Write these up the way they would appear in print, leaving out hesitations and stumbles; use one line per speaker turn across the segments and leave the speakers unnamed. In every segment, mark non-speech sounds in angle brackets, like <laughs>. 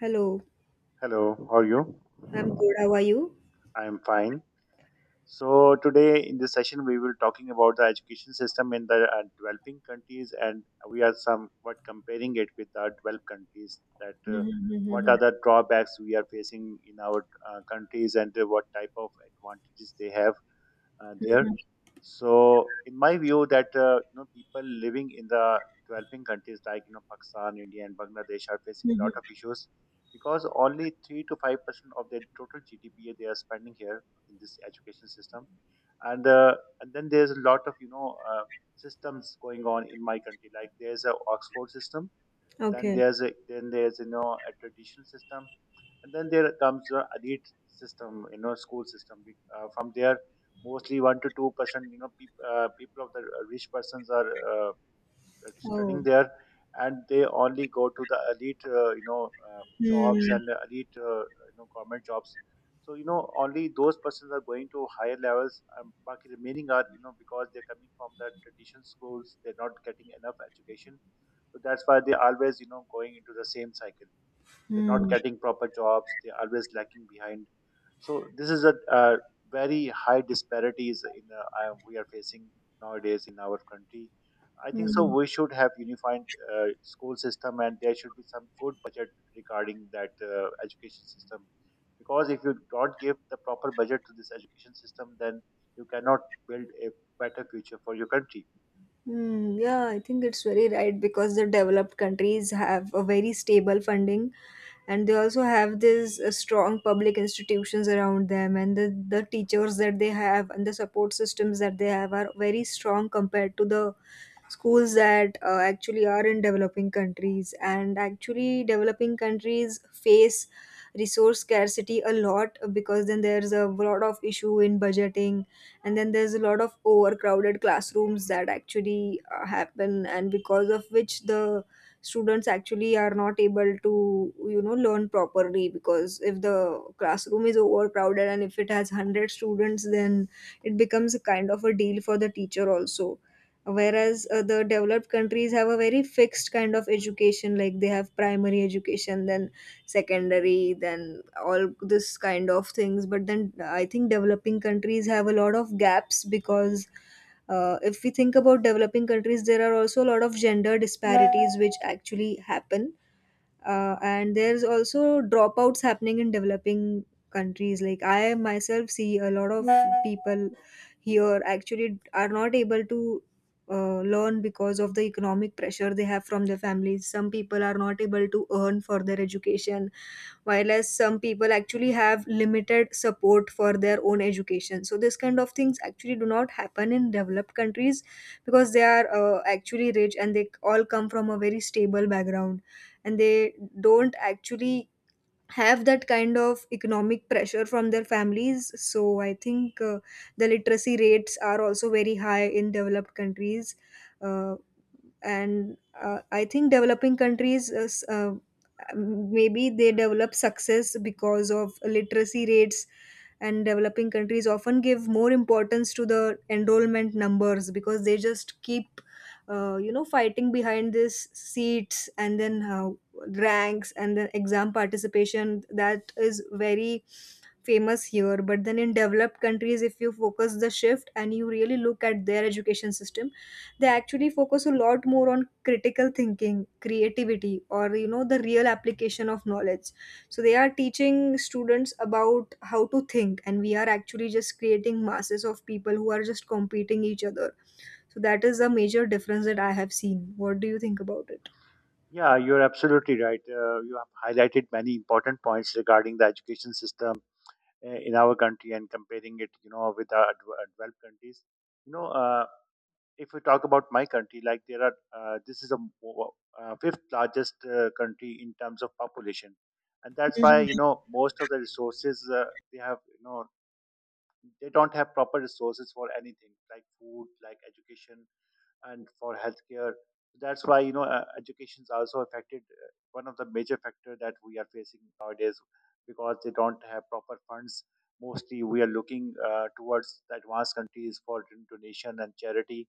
Hello,
Hello, how are you?
I'm good. How are you?
I am fine. So today in this session we will talking about the education system in the developing countries, and we are somewhat comparing it with the developed countries. That
Hmm
what are
hmm
the drawbacks we are facing in our countries, and what type of advantages they have there. So, in my view, that people living in the developing countries like Pakistan, India, and Bangladesh are facing a
hmm.
lot of issues because only 3 to 5% of their total GDP they are spending here in this education system, and uh, and then there's a lot of systems going on in my country. Like there's a Oxford system, then
Okay.
there's a traditional system, and then there comes the elite system, you know, school system. From there, mostly 1 to 2%, you know, people of the rich persons are. Studying
Oh.
there, and they only go to the elite, jobs
Hmm.
and the elite, government jobs. So you know, only those persons are going to higher levels, and the remaining are, you know, because they're coming from the traditional schools, they're not getting enough education. So that's why they always, you know, going into the same cycle. They're not
Hmm.
getting proper jobs, they're always lacking behind. So this is a, very high disparities in we are facing nowadays in our country. I think so
Hmm.
we should have unified uh, school system, and there should be some good budget regarding that education system, because if you don't give the proper budget to this education system, then you cannot build a better future for your country.
Hmm. Yeah, I think it's very right because the developed countries have a very stable funding and they also have these strong public institutions around them and the teachers that they have and the support systems that they have are very strong compared to the schools that actually are in developing countries, and actually developing countries face resource scarcity a lot because then there's a lot of issue in budgeting, and then there's a lot of overcrowded classrooms that actually happen, and because of which the students actually are not able to you know learn properly, because if the classroom is overcrowded and if it has 100 students, then it becomes a kind of a deal for the teacher also. Whereas the developed countries have a very fixed kind of education, like they have primary education, then secondary, then all this kind of things. But then I think developing countries have a lot of gaps, because if we think about developing countries, there are also a lot of gender disparities which actually happen, and there's also dropouts happening in developing countries. Like I myself see a lot of people here actually are not able to learn because of the economic pressure they have from their families. Some people are not able to earn for their education, while as some people actually have limited support for their own education. So this kind of things actually do not happen in developed countries because they are actually rich and they all come from a very stable background and they don't actually have that kind of economic pressure from their families. So I think the literacy rates are also very high in developed countries. uh, and I think developing countries maybe they develop success because of literacy rates. And developing countries often give more importance to the enrollment numbers, because they just keep you know fighting behind these seats, and then ranks, and then exam participation, that is very famous here. But then in developed countries, if you focus the shift and you really look at their education system, they actually focus a lot more on critical thinking, creativity, or you know the real application of knowledge. So they are teaching students about how to think, and we are actually just creating masses of people who are just competing each other. So that is a major difference that I have seen. What do you think about it?
Yeah, you're absolutely right. You have highlighted many important points regarding the education system in our country and comparing it, you know, with our developed countries. You know, if we talk about my country, like there are, this is the fifth largest country in terms of population, and that's why you know most of the resources they have, you know, they don't have proper resources for anything like food, like education, and for healthcare. So that's why you know education is also affected. One of the major factor that we are facing nowadays, because they don't have proper funds. Mostly, we are looking towards the advanced countries for donation and charity.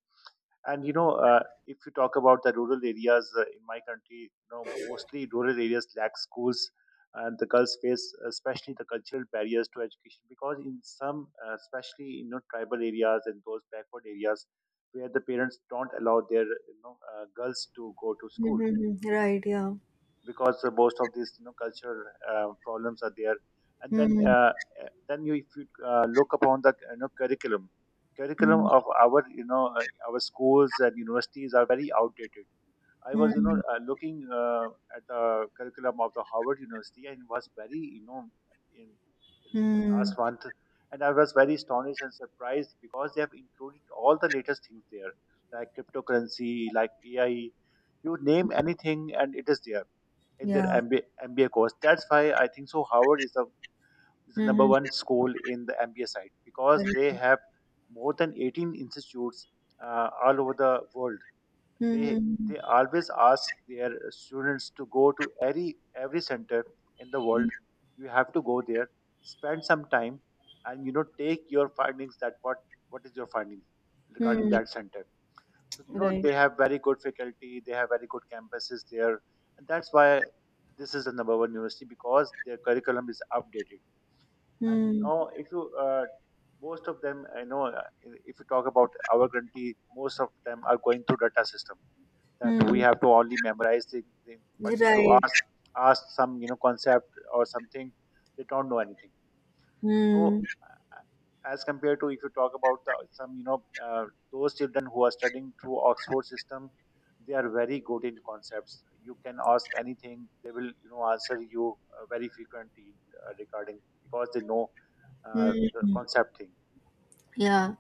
And you know, if you talk about the rural areas in my country, you know, mostly rural areas lack schools, and the girls face especially the cultural barriers to education, because in some, especially you know, tribal areas and those backward areas, where the parents don't allow their girls to go to school,
Mm-hmm. Right, yeah.
because most of these you know cultural problems are there. And
Mm-hmm.
then you if you look upon the you know curriculum of our our schools and universities are very outdated. I was
Mm-hmm.
looking at the curriculum of the Harvard University, and was very you know in, in last
Mm-hmm.
month, and I was very astonished and surprised, because they have included all the latest things there, like cryptocurrency, like AI. You name anything and it is there in their
Yeah.
MBA course. That's why I think so. Howard is a is the number
Mm-hmm.
one school in the MBA side, because they
Right.
have more than 18 institutes all over the world. They
Mm-hmm.
they always ask their students to go to every center in the
Mm-hmm.
world. You have to go there, spend some time, and you know take your findings. That What is your findings regarding that center? So you know
Right.
they have very good faculty, they have very good campuses there, and that's why this is the number one university, because their curriculum is updated. And
Mm-hmm.
now, if you most of them, I know, if you talk about our country, most of them are going through data system, that we
Right.
have to only memorize things. But if you ask some you know concept or something, they don't know anything.
Mm-hmm.
So as compared to if you talk about the some those children who are studying through Oxford system, they are very good in concepts. You can ask anything; they will you know answer you very frequently regarding, because they know the concept thing.
Yeah.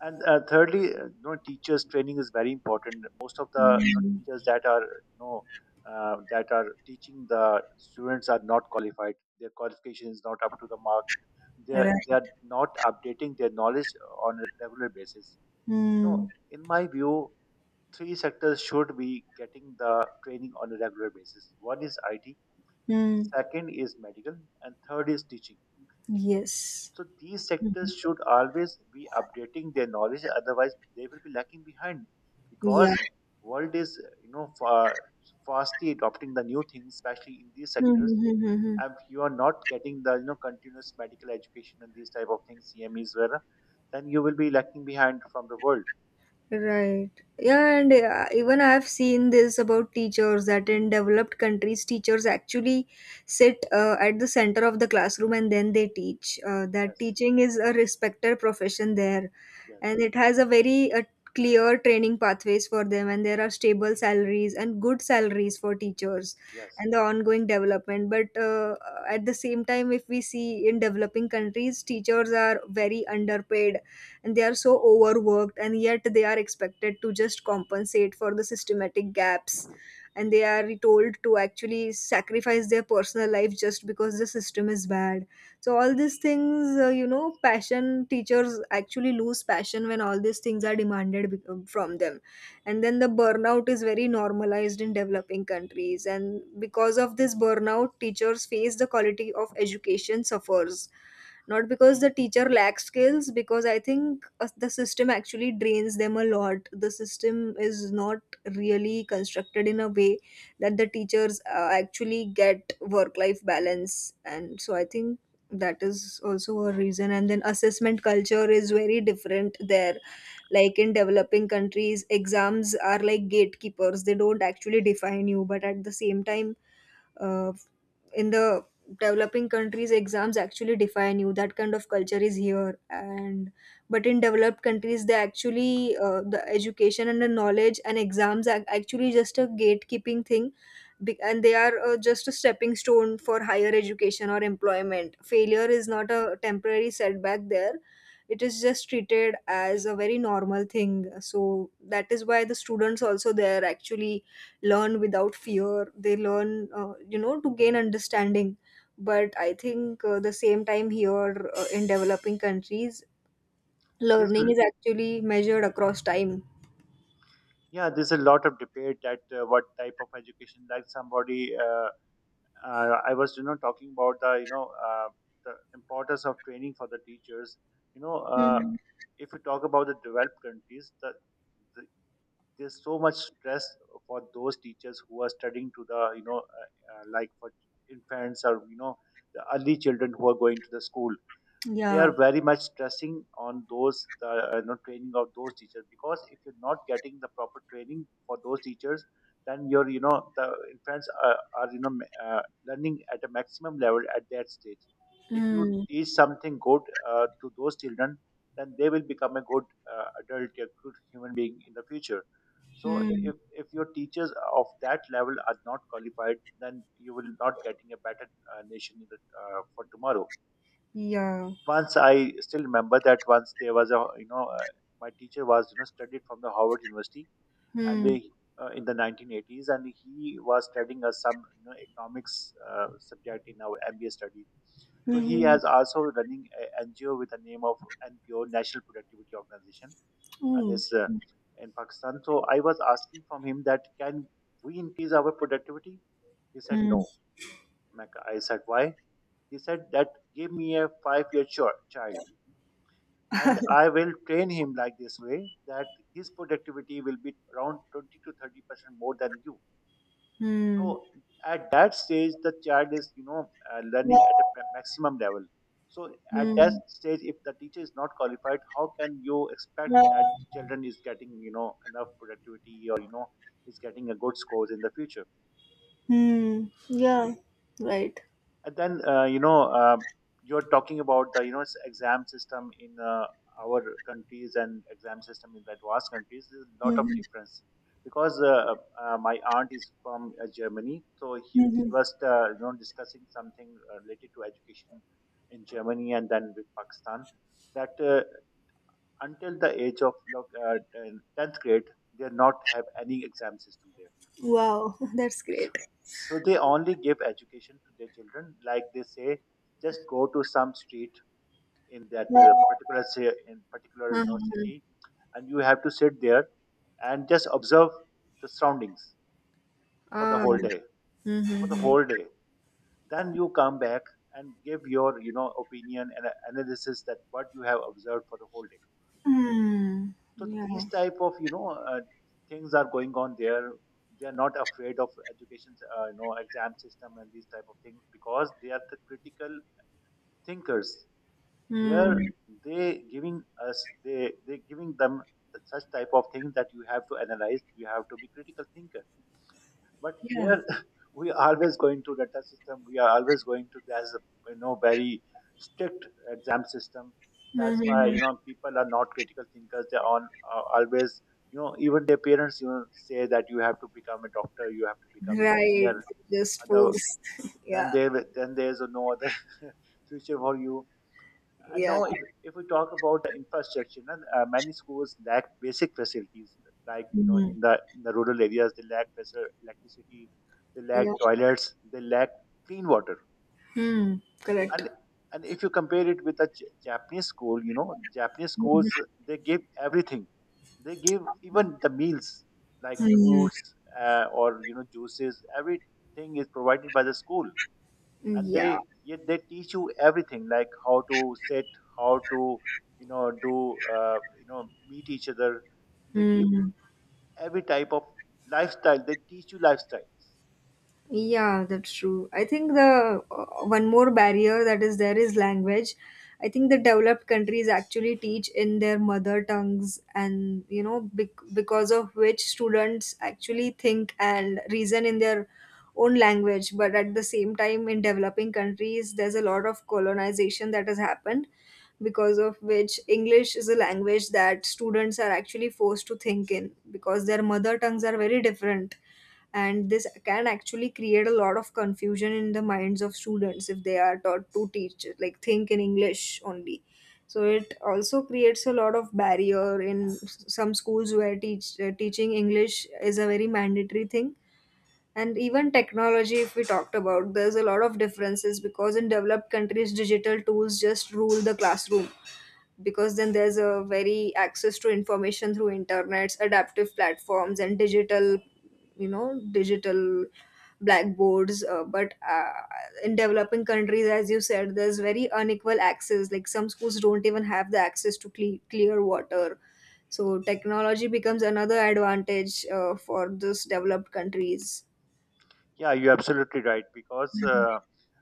And thirdly, you know, teachers training is very important. Most of the you know,
Mm-hmm.
teachers that are that are teaching the students are not qualified. Their qualification is not up to the mark. They they are
Right.
not updating their knowledge on a regular basis.
Mm-hmm.
No, in my view, three sectors should be getting the training on a regular basis. One is IT, second is medical, and third is teaching.
Yes.
So these
Mm-hmm.
sectors should always be updating their knowledge, otherwise they will be lacking behind,
Yeah.
because world is you know fastly adopting the new things, especially in these sectors.
Mm-hmm.
And if you are not getting the you know continuous medical education and these type of things, CMEs were, then you will be lacking behind from the world.
Right. Yeah, and even I've seen this about teachers, that in developed countries, teachers actually sit at the center of the classroom and then they teach. That
Yes,
teaching is a respected profession there,
yes,
and it has a very clear training pathways for them, and there are stable salaries and good salaries for teachers
yes.
and the ongoing development. But at the same time, if we see in developing countries, teachers are very underpaid and they are so overworked, and yet they are expected to just compensate for the systematic gaps, and they are told to actually sacrifice their personal life just because the system is bad. So all these things, you know, passion, teachers actually lose passion when all these things are demanded from them. And then the burnout is very normalized in developing countries, and because of this burnout teachers face, the quality of education suffers, not because the teacher lacks skills, because I think the system actually drains them a lot. The system is not really constructed in a way that the teachers actually get work life balance. And so I think that is also a reason. And then assessment culture is very different there. Like in developing countries exams are like gatekeepers, they don't actually define you, but at the same time uh, in the developing countries exams actually define you. That kind of culture is here. And but in developed countries, they actually the education and the knowledge and exams are actually just a gatekeeping thing and they are just a stepping stone for higher education or employment. Failure is not a temporary setback there, it is just treated as a very normal thing. So that is why the students also there actually learn without fear. They learn you know to gain understanding. But I think the same time here in developing countries,
This
learning
will
is actually measured across time.
Yeah, there's a lot of debate that what type of education, like somebody. I was you know talking about the the importance of training for the teachers. You know,
Hmm.
if you talk about the developed countries, the, there's so much stress for those teachers who are studying to the like for infants or you know the early children who are going to the school. They
Yeah.
are very much stressing on those you know, training of those teachers, because if you're not getting the proper training for those teachers, then you're you know the infants are you know learning at a maximum level at that stage. If you
Hmm.
teach something good to those children, then they will become a good adult, a good human being in the future. So
Hmm.
if your teachers of that level are not qualified, then you will not getting a better nation in the, for tomorrow.
Yeah.
Once I still remember that once there was a my teacher was you know studied from the Harvard University, and
Hmm.
they in the 1980s, and he was studying us some you know economics subject in our MBA study. So he
Hmm.
has also running a NGO with the name of NPO, National Productivity Organization, and
Hmm.
this in Pakistan. So I was asking from him that can we increase our productivity? He said
Hmm.
no. I said why? He said that give me a 5 year child, and I will train him like this way that his productivity will be around 20 to 30% more than you.
Hmm.
So at that stage, the child is you know learning at a maximum level. So at that
Hmm.
stage, if the teacher is not qualified, how can you expect that children is getting you know enough productivity, or you know is getting a good scores in the future?
Hmm. Yeah. Right.
And then you're talking about the you know exam system in our countries and exam system in the advanced countries. There's a lot of
Mm-hmm.
difference, because my aunt is from Germany, so he,
Mm-hmm.
she was you know discussing something related to education in Germany and then with Pakistan. That until the age of look, 10th grade, they are not have any exam system there.
Wow, <laughs> that's great.
So they only give education to their children, like they say, just go to some street in that
Uh-huh.
particular say in particular you know, city, and you have to sit there and just observe the surroundings for the
Ah.
whole day, for the
Mm-hmm.
whole day. Then you come back and give your you know opinion and analysis that what you have observed for the whole day.
Mm,
So these
yeah.
type of things are going on there. They are not afraid of education's exam system and these type of things because they are the critical thinkers. they are
Mm,
they giving us they they giving them such type of things that you have to analyze, you have to be critical thinker, but
yeah.
here <laughs> we are always going to data system. We are always going to there's a very strict exam system. That's why
Mhm.
people are not critical thinkers. They're on, always, even their parents say that you have to become a doctor, you have to become an
Right.
engineer.
Just
other
force. <laughs>
then
Yeah.
there then there's no other <laughs> future for you. And
Yeah.
now, if we talk about the infrastructure, then, many schools lack basic facilities. Like,
Mm,
in the rural areas, they lack electricity, they lack
yeah.
toilets, they lack clean water.
Mm, correct.
And and if you compare it with the Japanese school, Japanese schools, they give everything. They give even the meals, like
Mm,
fruits or juices. Everything is provided by the school, and
yeah.
they, yeah, they teach you everything, like how to sit, how to do meet each other. They give
Mm.
every type of lifestyle, they teach you lifestyles.
Yeah, that's true. I think the one more barrier that is there is language. I think the developed countries actually teach in their mother tongues, and you know, because of which students actually think and reason in their own language. But at the same time, in developing countries, there's a lot of colonization that has happened, because of which English is a language that students are actually forced to think in, because their mother tongues are very different, and this can actually create a lot of confusion in the minds of students if they are taught to teach like think in English only. So it also creates a lot of barrier in some schools where teaching English is a very mandatory thing. And even technology, if we talked about, there's a lot of differences because in developed countries digital tools just rule the classroom, because then there's a very access to information through internets, adaptive platforms, and digital you know digital blackboards. But In developing countries, as you said, there's very unequal access, like some schools don't even have the access to clear water. So technology becomes another advantage for those developed countries.
Yeah, you're absolutely right, because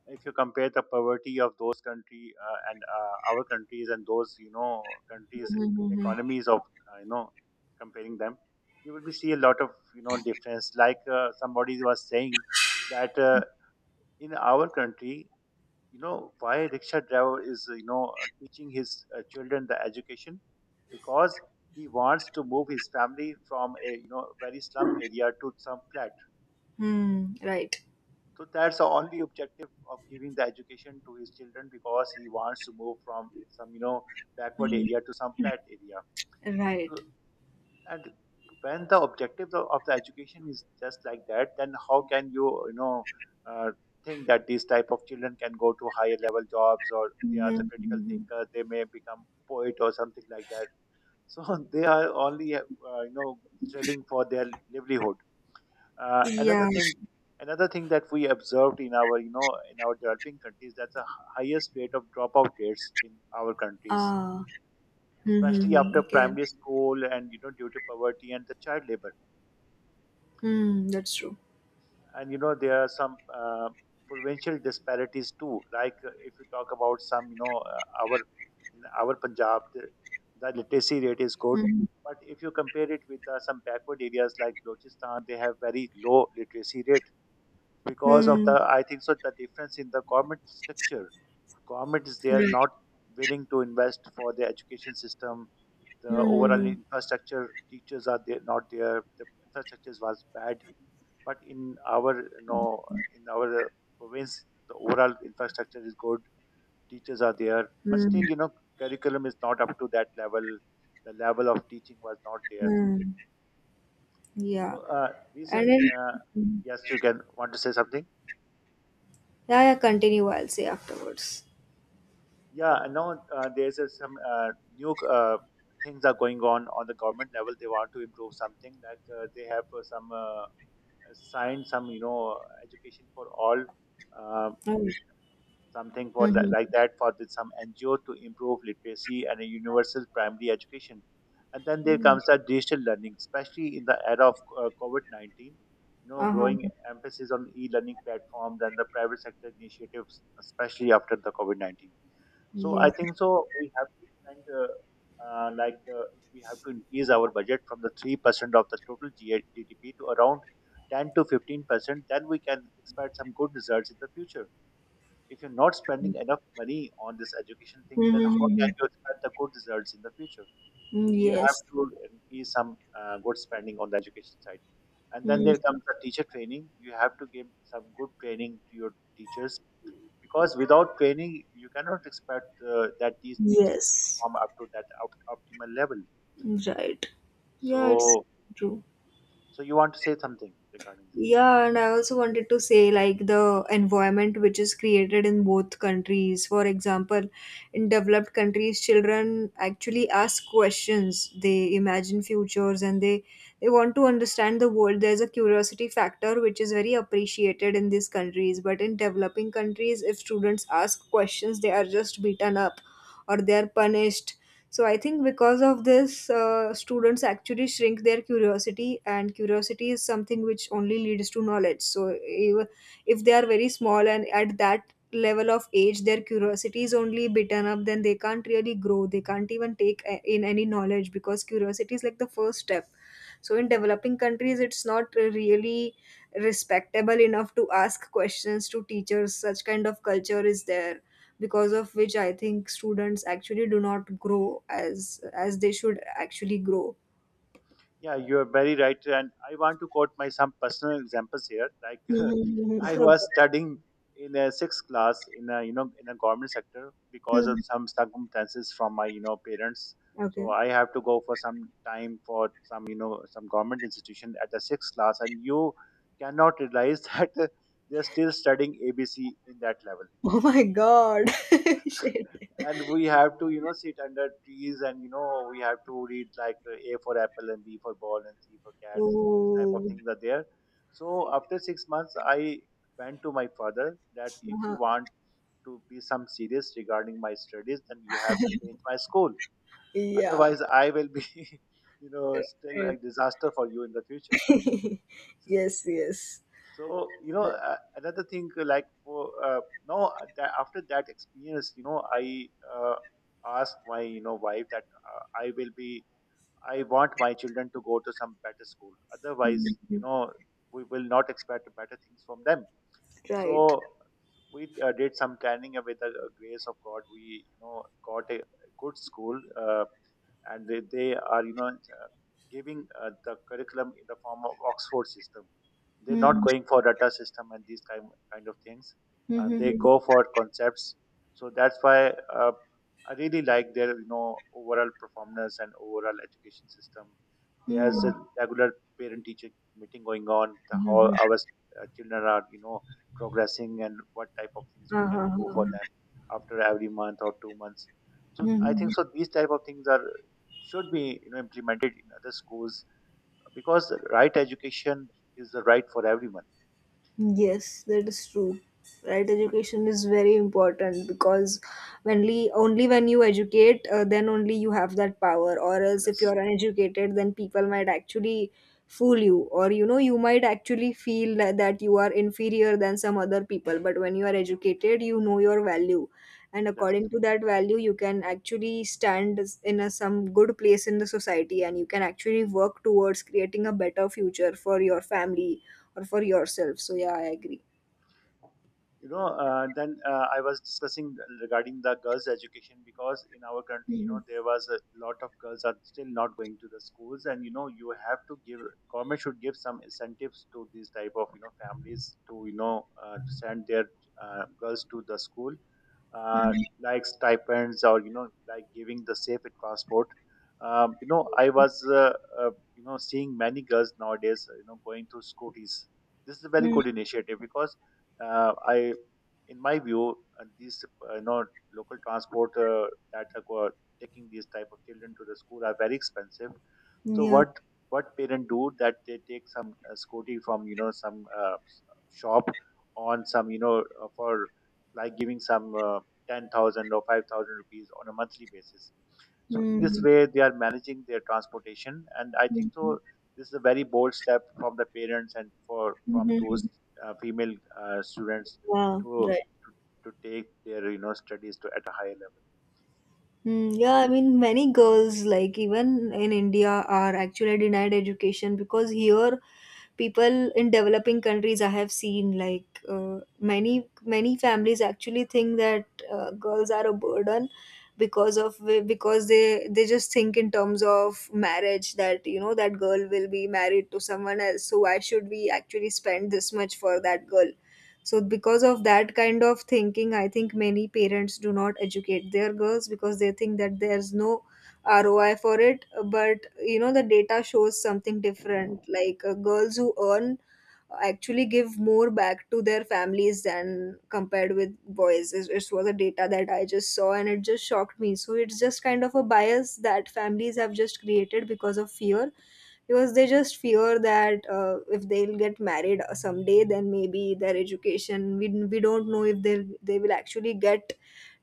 if you compare the poverty of those country, and our countries, and those countries
Mm-hmm.
economies of, uh, you know comparing them, you will be see a lot of difference like somebody was saying that in our country, why rickshaw driver is teaching his children the education, because he wants to move his family from a very slum area to some flat.
Hmm. Right.
So that's the only objective of giving the education to his children, because he wants to move from some backward area to some flat area.
Right.
So, and when the objective of the education is just like that, then how can you you know uh, think that these type of children can go to higher level jobs, or they are the critical
Hmm.
thinker? They may become poet or something like that. So <laughs> they are only trading for their livelihood. uh, another
Yeah.
thing another thing that we observed in our in our developing countries, that's the highest rate of dropout rates in our countries,
Ah.
especially
Mm-hmm.
after
Okay.
primary school, and due to poverty and the child labor.
Hmm. That's true.
And there are some provincial disparities too, like if you talk about some you know our in our Punjab, the literacy rate is good.
Hmm.
But if you compare it with some backward areas like Balochistan, they have very low literacy rate, because of the,
Hmm.
I think so, the difference in the government structure. Government is, they are
Right.
not willing to invest for the education system. The
Hmm.
overall
Hmm.
infrastructure, teachers are there, not there, the infrastructure was bad. But in our in our province the overall infrastructure is good, teachers are there. But
Hmm.
still, curriculum is not up to that level, the level of teaching was not there.
Hmm. Yeah.
So
And
recent
then,
yes, you can want to say something?
yeah, yeah, continue. I'll say afterwards.
Yeah, I know, there's a, some new things are going on the government level. They want to improve something, like they have some assigned some education for all. Uh,
Oh.
Something for like
Mm-hmm.
that, for the, some NGO to improve literacy and a universal primary education. And then there
Mm.
comes
Hmm.
the digital learning, especially in the era of COVID-19. You know,
Uh huh.
growing emphasis on e-learning platforms and the private sector initiatives, especially after the COVID-19. So I
Yeah.
think so we have to spend like we have to increase our budget from the 3% of the total GDP to around 10 to 15%. Then we can expect some good results in the future. If you're not spending enough money on this education thing, then how
Mm-hmm.
can you expect the good results in the future? So you have
Yes.
to increase some good spending on the education side. And then
Mm.
there comes the teacher training. You have to give some good training to your teachers, because without training, you cannot expect that these teachers
Yes.
perform up to that optimal level.
Right. Yeah, it's
So,
true.
so you want to say something regarding this?
Yeah, and I also wanted to say, like, the environment which is created in both countries. For example, in developed countries, children actually ask questions. They imagine futures and they want to understand the world. There's a curiosity factor which is very appreciated in these countries. But in developing countries, if students ask questions, they are just beaten up or they are punished. So I think because of this, students actually shrink their curiosity, and curiosity is something which only leads to knowledge. So if they are very small and at that level of age, their curiosity is only beaten up, then they can't really grow. They can't even take in any knowledge, because curiosity is like the first step. So in developing countries, it's not really respectable enough to ask questions to teachers. Such kind of culture is there, because of which I think students actually do not grow as they should actually grow.
Yeah, you are very right. And I want to quote my some personal examples here. Like <laughs>
Mhm.
I was studying in a sixth class, in a government sector, because of
Mhm.
some circumstances from my parents.
Okay.
So I have to go for some time for some some government institution at the sixth class, and you cannot realize <laughs> that they're still studying ABC in that level.
<laughs> Oh my god. <laughs> Shit.
And we have to sit under trees, and we have to read like a for apple, and b for ball, and c for cats. This type of
Oh.
things are there. So after 6 months I went to my father, that if you
Uh-huh.
want to be some serious regarding my studies, then you have to change my school.
Yeah.
Otherwise, I will be <laughs> still a
Right.
disaster for you in the future.
<laughs> Yes, yes.
So another thing, like, for now that after that experience, I asked my wife that I will be I want my children to go to some better school. Otherwise,
Mhm.
we will not expect better things from them.
Right.
So we did some planning, and with the grace of God. We got a good school. And they are giving the curriculum in the form of Oxford system. They're not
Hmm.
going for data system and these kind of things,
Hmm.
and they
Hmm.
go for concepts. So that's why I really like their overall performance and overall education system. There's
Hmm.
a regular parent teacher meeting going on, the
Hmm.
how
Hmm.
our children are progressing and what type of things
Hmm.
we can do for
Uh-huh.
them after every month or 2 months. So I
Mhm.
think so, these type of things are should be implemented in other schools, because right education is the right for everyone.
Yes, that is true. Right, education is very important because only when you educate, then only you have that power. Or else, if
Yes,
you're uneducated, then people might actually fool you, or you know, you might actually feel that you are inferior than some other people. But when you are educated, you know your value, and
yes.
according to that value, you can actually stand in a, some good place in the society, and you can actually work towards creating a better future for your family or for yourself. So yeah, I agree.
Then I was discussing regarding the girls education, because in our country,
Mhm.
there was a lot of girls are still not going to the schools, and you have to give, government should give some incentives to these type of families to to send their girls to the school. uh, like stipends, or like giving the safe transport. I was seeing many girls nowadays going to scooters. This is a very
Mhm.
good initiative, because I, in my view, these uh, you know local transport that are taking these type of children to the school, are very expensive. So
Yeah.
what parent do that they take some scooty from some shop on some you know for like giving some 10,000 or 5,000 rupees on a monthly basis. So in this
Mhm.
way, they are managing their transportation, and I think so. This is a very bold step from the parents, and for from
Mhm.
those female students,
Wow.
to,
Right.
to to take their studies to at a higher level.
Mm, yeah, I mean, many girls, like even in India, are actually denied education, because here people in developing countries I have seen, like many many families actually think that girls are a burden because of because they just think in terms of marriage, that you know that girl will be married to someone else, so why should we actually spend this much for that girl. So because of that kind of thinking, I think many parents do not educate their girls because they think that there's no ROI for it. But you know the data shows something different. Like girls who earn actually give more back to their families than compared with boys. It was a data that I just saw and it just shocked me. So it's just kind of a bias that families have just created because of fear because they just fear that if they'll get married someday, then maybe their education, we don't know if they will actually get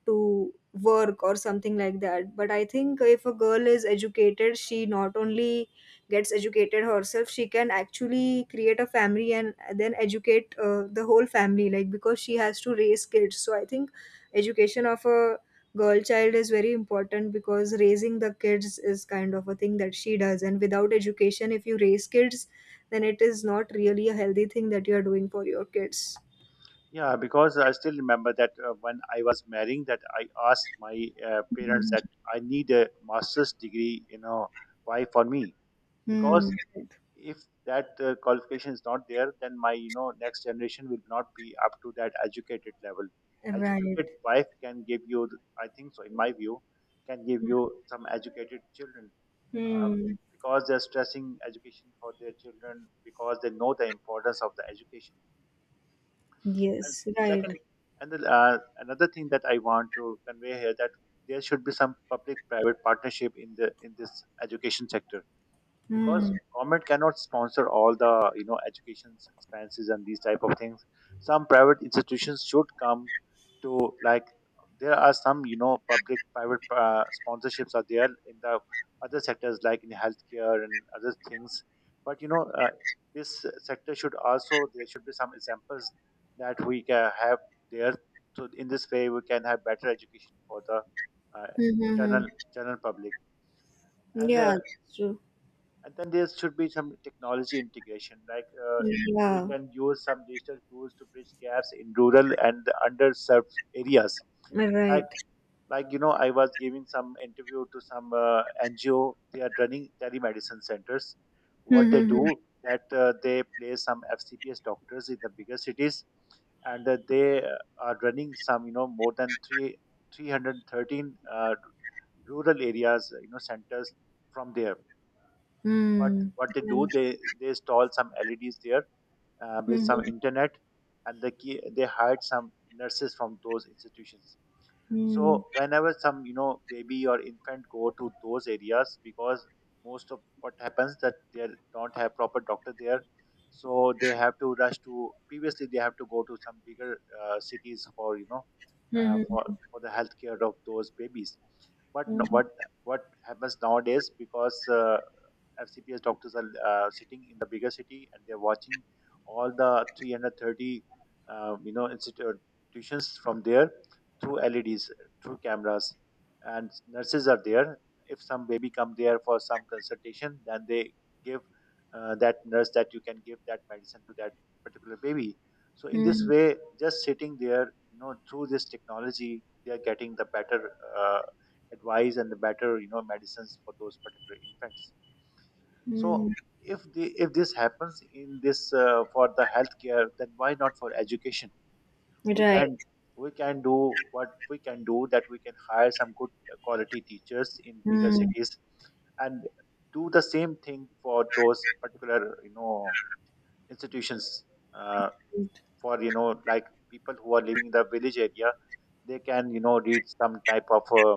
to work or something like that. But I think if a girl is educated, she not only gets educated herself, she can actually create a family and then educate the whole family, like because she has to raise kids. So I think education of a girl child is very important because raising the kids is kind of a thing that she does, and without education, if you raise kids, then it is not really a healthy thing that you are doing for your kids.
Yeah, because I still remember that when I was marrying, that I asked my parents that I need a master's degree. You know, why for me?
Hmm.
Because if that qualification is not there, then my next generation will not be up to that educated level.
Right.
Educated wife can give you I think so, in my view, can give you some educated children. um,
Hmm.
because they're stressing education for their children, because they know the importance of the education. And
Yes, right.
second, and the another thing that I want to convey here, that there should be some public private partnership in the in this education sector, because
Hmm.
government cannot sponsor all the education expenses and these type of things. Some private institutions should come to, like, there are some public private sponsorships are there in the other sectors, like in healthcare and other things. But this sector should also, there should be some examples that we can have there. So in this way, we can have better education for the uh,
Mm-hmm.
general public. And
Yeah,
uh,
that's true.
and then there should be some technology integration, like we
Yeah.
can use some digital tools to bridge gaps in rural and underserved areas.
Right.
Like like you know I was giving some interview to some NGO. They are running telemedicine centers. What they do
Hmm.
that they place some FCPS doctors in the bigger cities. And that they are running some more than 3 313 uh, rural areas centers from there. what
Hmm.
what they do, they install some LEDs there, with some
Hmm.
internet. And they they hired some nurses from those institutions. So
Hmm.
whenever some baby or infant go to those areas, because most of what happens that they don't have proper doctor there, so they have to rush to. Previously, they have to go to some bigger cities for uh, for
Hmm.
for the healthcare of those babies. But no,
Hmm.
what happens nowadays, because FCPS doctors are sitting in the bigger city, and they're watching all the 330 institutions from there, through LEDs, through cameras, and nurses are there. If some baby come there for some consultation, then they give that nurse that you can give that medicine to that particular baby. So in this
Hmm.
way, just sitting there, through this technology, they are getting the better uh, advice, and the better medicines for those particular infants.
Hmm.
So if this happens in this for the healthcare, then why not for education? we
Right.
can we can do, what we can do, that we can hire some good quality teachers in bigger
Hmm.
cities, and do the same thing for those particular institutions uh, for you know like people who are living in the village area, they can read some type of uh,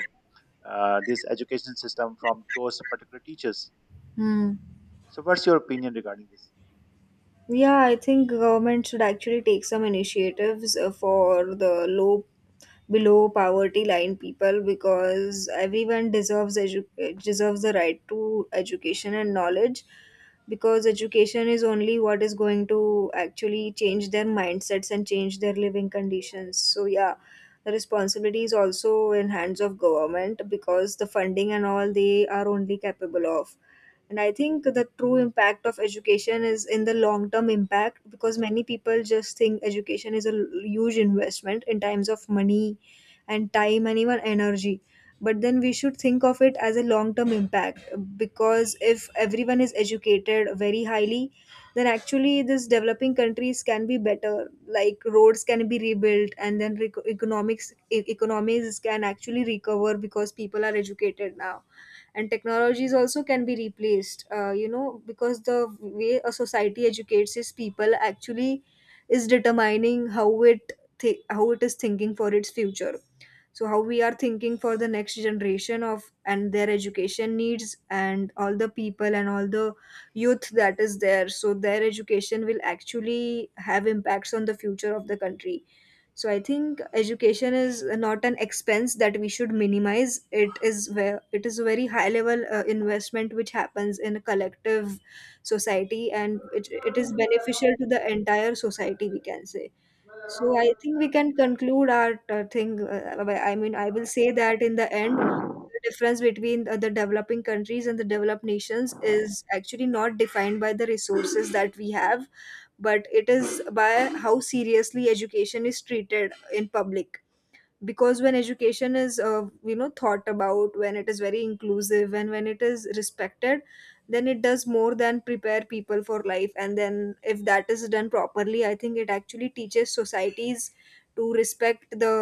uh, this education system from those particular teachers.
Hmm.
So what's your opinion regarding this?
Yeah, I think government should actually take some initiatives for the low below poverty line people, because everyone deserves deserves the right to education and knowledge, because education is only what is going to actually change their mindsets and change their living conditions. So yeah, the responsibility is also in hands of government, because the funding and all, they are only capable of. And I think the true impact of education is in the long term impact, because many people just think education is a huge investment in times of money and time and even energy, but then we should think of it as a long term impact. Because if everyone is educated very highly, then actually these developing countries can be better, like roads can be rebuilt, and then economics economies can actually recover because people are educated now. And technologies also can be replaced, because the way a society educates its people actually is determining how it how it is thinking for its future. So how we are thinking for the next generation of and their education needs, and all the people and all the youth that is there, so their education will actually have impacts on the future of the country. So I think education is not an expense that we should minimize, it is where it is a very high level investment which happens in a collective society, and it is beneficial to the entire society, we can say. So I think we can conclude our thing. I mean, I will say that in the end, the difference between the developing countries and the developed nations is actually not defined by the resources that we have, but it is by how seriously education is treated in public. Because when education is thought about, when it is very inclusive and when it is respected, then it does more than prepare people for life. And then if that is done properly, I think it actually teaches societies to respect the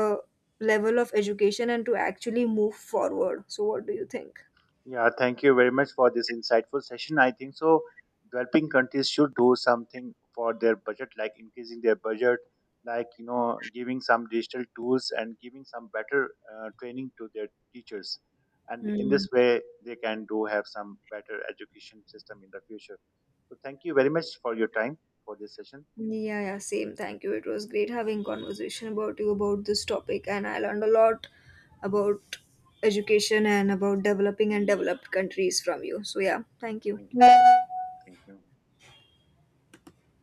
level of education and to actually move forward. So what do you think?
Yeah, thank you very much for this insightful session. I think so. Developing countries should do something for their budget, like increasing their budget, like, giving some digital tools and giving some better training to their teachers, and in
Hmm.
this way they can do have some better education system in the future. So, thank you very much for your time for this session.
Yeah, yeah, same. Thank you. It was great having conversation about you about this topic, and I learned a lot about education and about developing and developed countries from you. So yeah, thank you.
Thank you. Thank you.